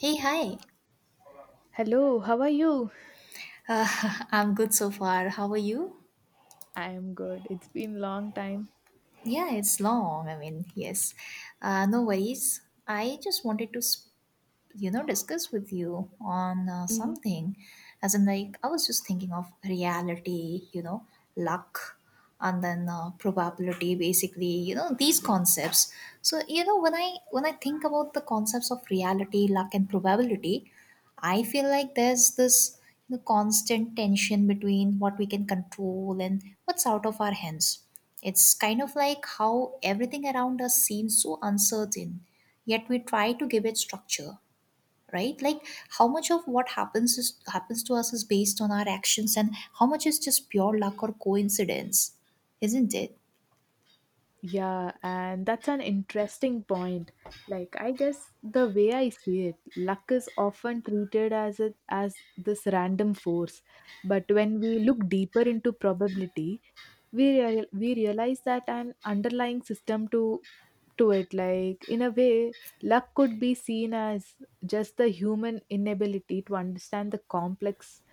Hey, hi. Hello, how are you? I'm good so far. How are you? I'm good. It's been long time. Yeah, it's long. I mean, yes. No worries. I just wanted to discuss with you on Mm. something. As in, like, I was just thinking of reality, luck, and then probability, basically, these concepts. So, when I think about the concepts of reality, luck, and probability, I feel like there's this, constant tension between what we can control and what's out of our hands. It's kind of like how everything around us seems so uncertain, yet we try to give it structure, right? Like, how much of what happens to us is based on our actions, and how much is just pure luck or coincidence, isn't it? Yeah, and that's an interesting point. Like I guess the way I see it, luck is often treated as it as this random force. But when we look deeper into probability, we realize that an underlying system to it, like in a way luck could be seen as just the human inability to understand the complex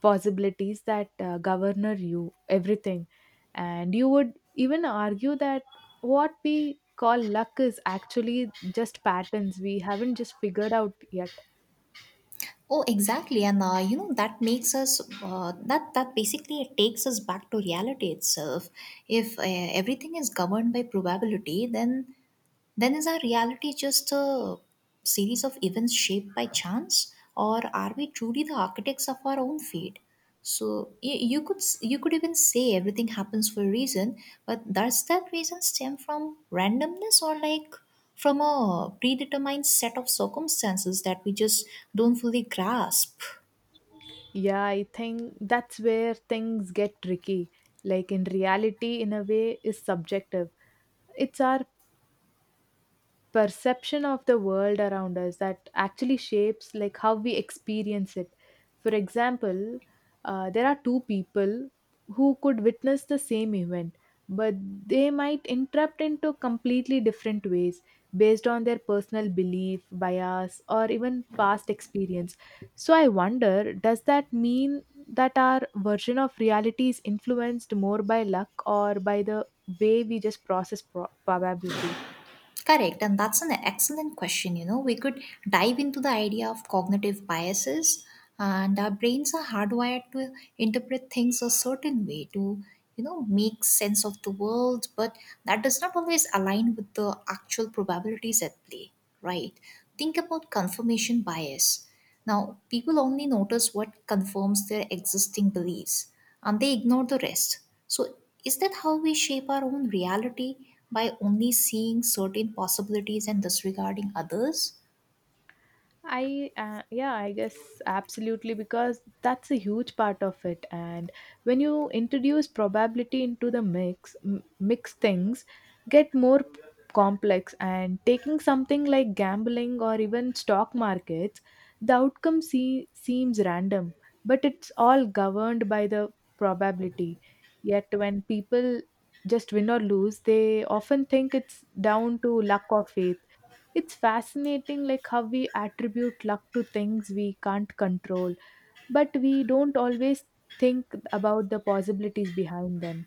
possibilities that govern you everything. And you would even argue that what we call luck is actually just patterns we haven't just figured out yet. Oh, exactly. And that makes us that that basically, it takes us back to reality itself. If everything is governed by probability, then is our reality just a series of events shaped by chance, or are we truly the architects of our own fate? So you could even say everything happens for a reason, but does that reason stem from randomness, or, like, from a predetermined set of circumstances that we just don't fully grasp? Yeah, I think that's where things get tricky. Like in reality in a way is subjective. It's our perception of the world around us that actually shapes like how we experience it. For example, there are two people who could witness the same event, but they might interpret into completely different ways based on their personal belief bias or even past experience. So I wonder, does that mean that our version of reality is influenced more by luck or by the way we just process probability? Correct, and that's an excellent question. We could dive into the idea of cognitive biases, and our brains are hardwired to interpret things a certain way to, make sense of the world, but that does not always align with the actual probabilities at play, right? Think about confirmation bias. Now, people only notice what confirms their existing beliefs and they ignore the rest. So, is that how we shape our own reality by only seeing certain possibilities and disregarding others? I Yeah, I guess absolutely, because that's a huge part of it. And when you introduce probability into the mix, mix things get more complex. And taking something like gambling or even stock markets, the outcome seems random, but it's all governed by the probability. Yet when people just win or lose, they often think it's down to luck or faith. It's fascinating like how we attribute luck to things we can't control, but we don't always think about the possibilities behind them.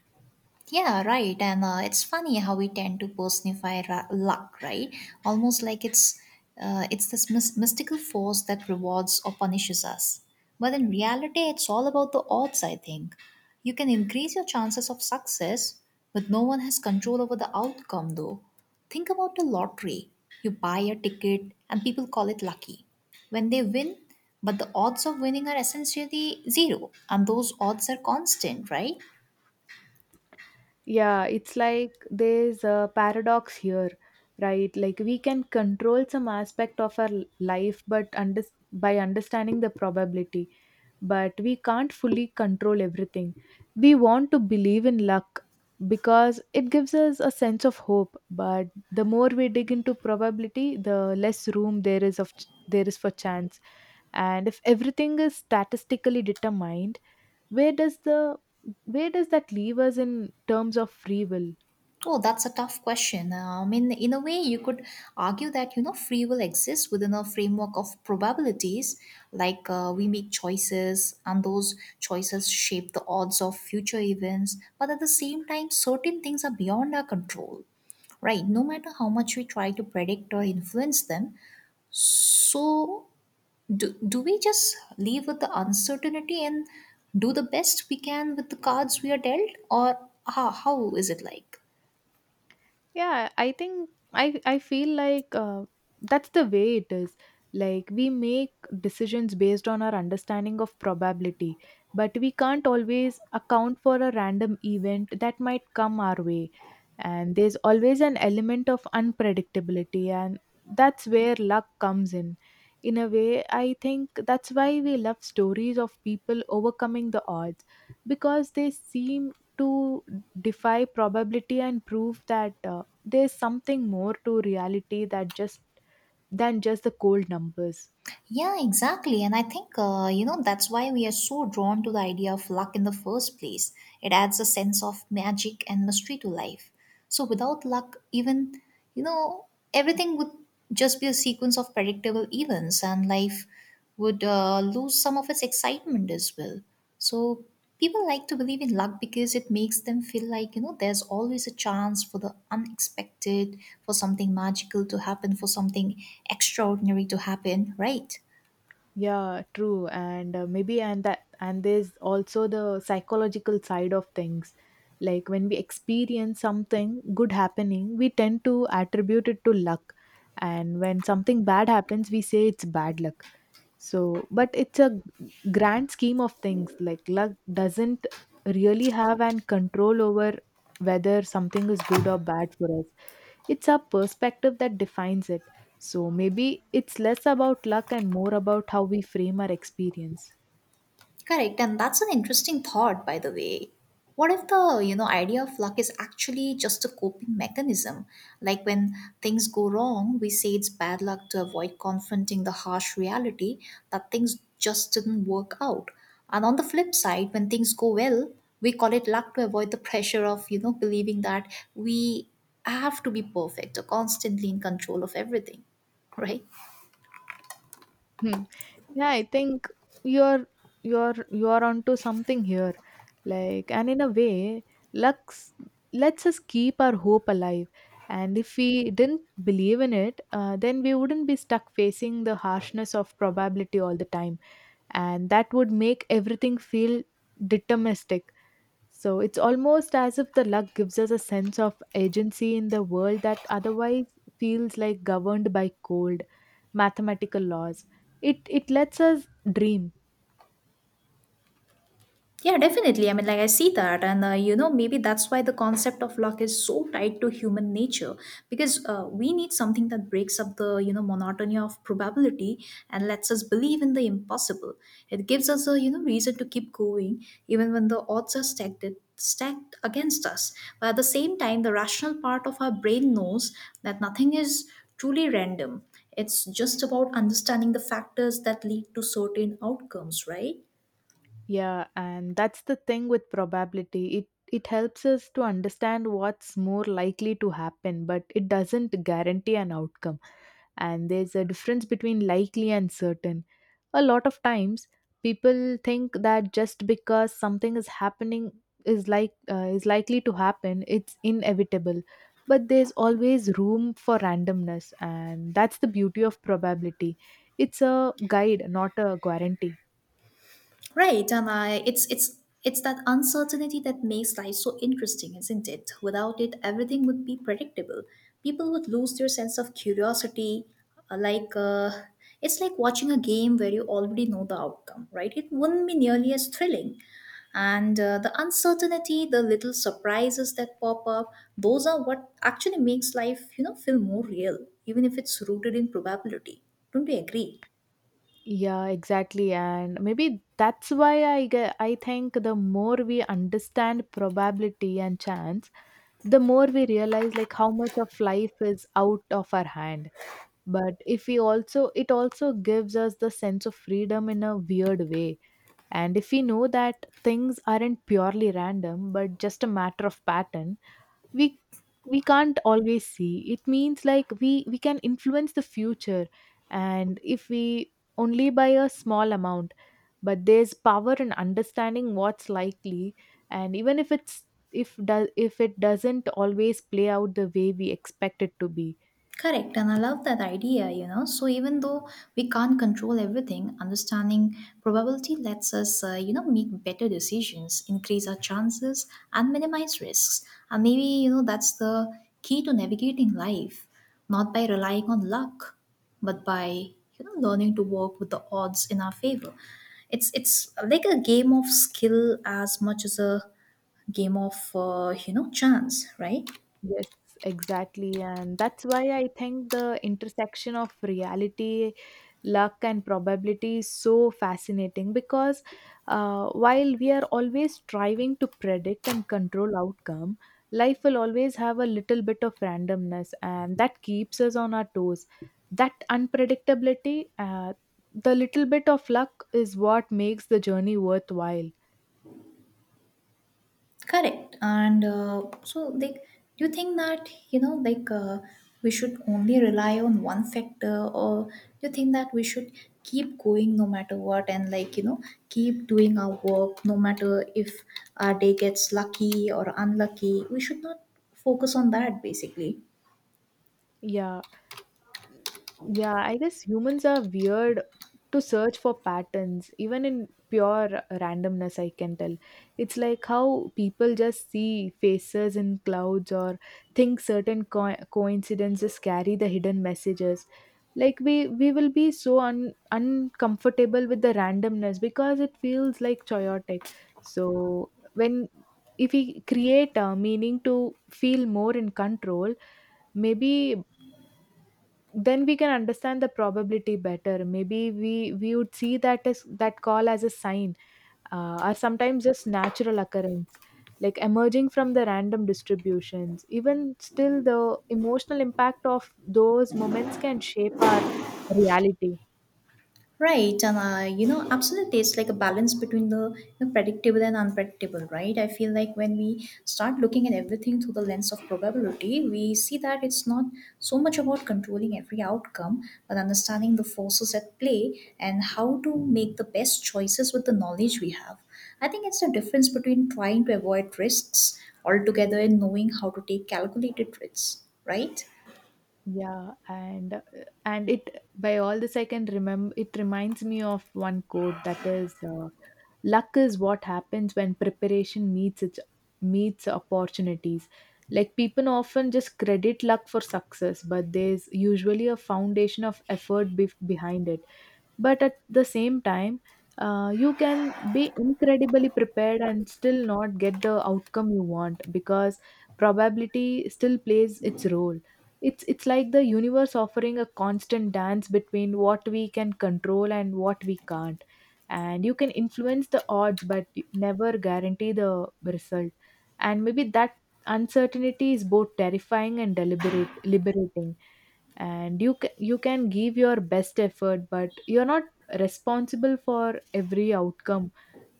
Yeah, right. And it's funny how we tend to personify luck, right? Almost like it's this mystical force that rewards or punishes us. But in reality, it's all about the odds, I think. You can increase your chances of success, but no one has control over the outcome, though. Think about the lottery. You buy a ticket, and people call it lucky when they win, but the odds of winning are essentially zero, and those odds are constant, right? Yeah, it's like there's a paradox here, right? Like we can control some aspect of our life, but under by understanding the probability, but we can't fully control everything. We want to believe in luck because it gives us a sense of hope, but the more we dig into probability, the less room there is there is for chance. And if everything is statistically determined, where does the where does that leave us in terms of free will? Oh, that's a tough question. I mean, in a way, you could argue that free will exists within a framework of probabilities. Like, we make choices, and those choices shape the odds of future events. But at the same time, certain things are beyond our control, right? No matter how much we try to predict or influence them, so do we just leave with the uncertainty and do the best we can with the cards we are dealt, or how is it like? Yeah, I think I feel like that's the way it is. Like we make decisions based on our understanding of probability, but we can't always account for a random event that might come our way. And there's always an element of unpredictability, and that's where luck comes in. In a way, I think that's why we love stories of people overcoming the odds, because they seem to defy probability and prove that there's something more to reality that just than just the cold numbers. Yeah, exactly. And I think, that's why we are so drawn to the idea of luck in the first place. It adds a sense of magic and mystery to life. So without luck, even, you know, everything would just be a sequence of predictable events, and life would lose some of its excitement as well. So, people like to believe in luck because it makes them feel like, there's always a chance for the unexpected, for something magical to happen, for something extraordinary to happen, right? Yeah, true. And maybe, and there's also the psychological side of things. Like when we experience something good happening, we tend to attribute it to luck. And when something bad happens, we say it's bad luck. So, but it's a grand scheme of things. Like luck doesn't really have an control over whether something is good or bad for us. It's our perspective that defines it. So maybe it's less about luck and more about how we frame our experience. Correct, and that's an interesting thought, by the way. What if the idea of luck is actually just a coping mechanism? Like when things go wrong, we say it's bad luck to avoid confronting the harsh reality that things just didn't work out. And on the flip side, when things go well, we call it luck to avoid the pressure of believing that we have to be perfect or constantly in control of everything, right? Hmm. Yeah, I think you're you're onto something here. Like and in a way, luck s- lets us keep our hope alive. And if we didn't believe in it, then we wouldn't be stuck facing the harshness of probability all the time. And that would make everything feel deterministic. So it's almost as if the luck gives us a sense of agency in the world that otherwise feels like governed by cold mathematical laws. It lets us dream. Yeah, definitely. I mean, like, I see that, and maybe that's why the concept of luck is so tied to human nature because we need something that breaks up the monotony of probability and lets us believe in the impossible. It gives us a reason to keep going even when the odds are stacked against us. But at the same time, the rational part of our brain knows that nothing is truly random. It's just about understanding the factors that lead to certain outcomes, right? Yeah, and that's the thing with probability. It helps us to understand what's more likely to happen, but it doesn't guarantee an outcome. And there's a difference between likely and certain. A lot of times, people think that just because something is happening is is likely to happen, it's inevitable. But there's always room for randomness, and that's the beauty of probability. It's a guide, not a guarantee. Right, and I it's that uncertainty that makes life so interesting, isn't it? Without it, everything would be predictable. People would lose their sense of curiosity. Like, it's like watching a game where you already know the outcome, right? It wouldn't be nearly as thrilling. And the uncertainty, the little surprises that pop up, those are what actually makes life, feel more real, even if it's rooted in probability. Don't you agree? Yeah, exactly. And maybe that's why I think the more we understand probability and chance, the more we realize like how much of life is out of our hand, but if we also it also gives us the sense of freedom in a weird way. And if we know that things aren't purely random but just a matter of pattern we we can't always see, it means like we can influence the future, and if we only by a small amount, but there's power in understanding what's likely, and even if it's if does if it doesn't always play out the way we expect it to be. Correct, and I love that idea. So, even though we can't control everything, understanding probability lets us, make better decisions, increase our chances, and minimize risks. And maybe, that's the key to navigating life, not by relying on luck, but by, learning to work with the odds in our favor. It's like a game of skill as much as a game of, chance, right? Yes, exactly. And that's why I think the intersection of reality, luck, and probability is so fascinating because while we are always striving to predict and control outcome, life will always have a little bit of randomness, and that keeps us on our toes. That unpredictability, the little bit of luck is what makes the journey worthwhile. Correct. And so, like, do you think that, we should only rely on one factor, or do you think that we should keep going no matter what and, like, keep doing our work no matter if our day gets lucky or unlucky? We should not focus on that basically. Yeah, Yeah, I guess humans are weird to search for patterns, even in pure randomness, I can tell. It's like how people just see faces in clouds or think certain coincidences carry the hidden messages. Like we will be so uncomfortable with the randomness because it feels like chaotic. So when if we create a meaning to feel more in control, maybe then we can understand the probability better. Maybe we would see that as that call as a sign, or sometimes just natural occurrence like emerging from the random distributions. Even still, the emotional impact of those moments can shape our reality. Right, and absolutely, it's like a balance between the predictable and unpredictable, right? I feel like when we start looking at everything through the lens of probability, we see that it's not so much about controlling every outcome, but understanding the forces at play and how to make the best choices with the knowledge we have. I think it's the difference between trying to avoid risks altogether and knowing how to take calculated risks, right? Yeah, and it by all this I can remember. It reminds me of one quote that is, "Luck is what happens when preparation meets opportunities." Like people often just credit luck for success, but there's usually a foundation of effort behind it. But at the same time, you can be incredibly prepared and still not get the outcome you want because probability still plays its role. It's like the universe offering a constant dance between what we can control and what we can't. And you can influence the odds, but never guarantee the result. And maybe that uncertainty is both terrifying and deliberate liberating. And you can give your best effort but you're not responsible for every outcome.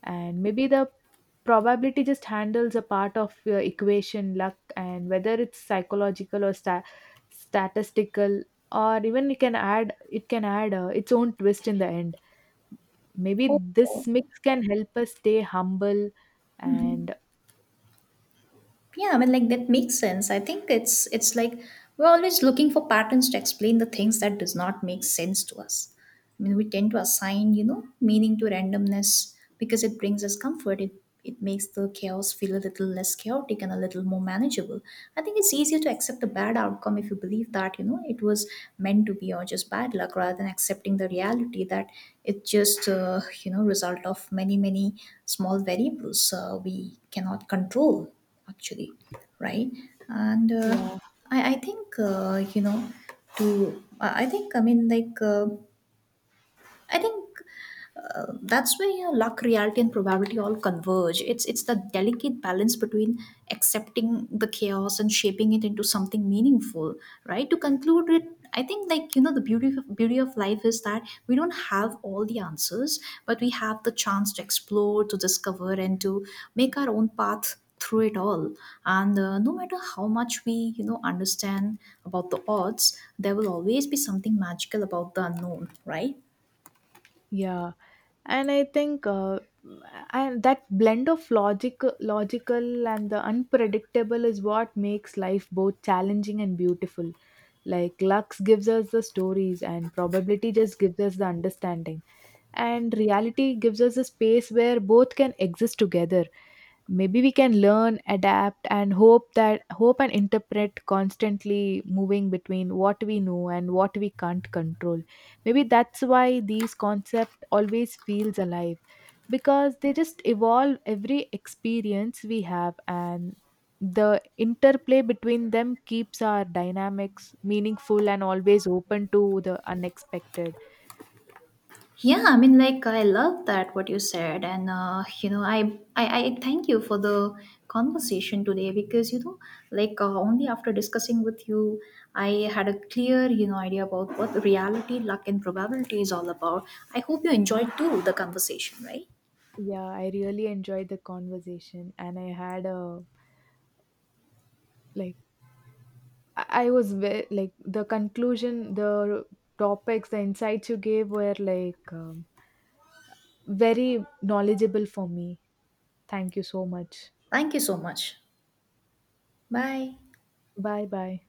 And maybe the probability just handles a part of your equation, luck, and whether it's psychological or statistical, or even it can add its own twist in the end. Maybe Oh, this mix can help us stay humble. And yeah, I mean, like, that makes sense. I think it's like we're always looking for patterns to explain the things that does not make sense to us. I mean, we tend to assign, meaning to randomness because it brings us comfort. It makes the chaos feel a little less chaotic and a little more manageable. I think it's easier to accept the bad outcome if you believe that, it was meant to be or just bad luck rather than accepting the reality that it's just, result of many, many small variables we cannot control, actually, right? And I, I think, uh, you know, I think, I mean, like, I think that's where luck, reality, and probability all converge. It's the delicate balance between accepting the chaos and shaping it into something meaningful, right? To conclude it, I think, like, the beauty of life is that we don't have all the answers, but we have the chance to explore, to discover, and to make our own path through it all. And no matter how much we understand about the odds, there will always be something magical about the unknown, right? yeah, and I think and that blend of logical and the unpredictable is what makes life both challenging and beautiful. Like Lux gives us the stories, and probability just gives us the understanding, and reality gives us a space where both can exist together. Maybe we can learn, adapt, and hope that hope and interpret, constantly moving between what we know and what we can't control. Maybe that's why these concept always feels alive because they just evolve every experience we have, and the interplay between them keeps our dynamics meaningful and always open to the unexpected. Yeah, I mean, like, I love that what you said, and I thank you for the conversation today because only after discussing with you, I had a clear idea about what reality, luck, and probability is all about. I hope you enjoyed too the conversation, right? Yeah, I really enjoyed the conversation, and I had a like I was like the conclusion, the topics, the insights you gave were like very knowledgeable for me. Thank you so much. Thank you so much. Bye. Bye bye.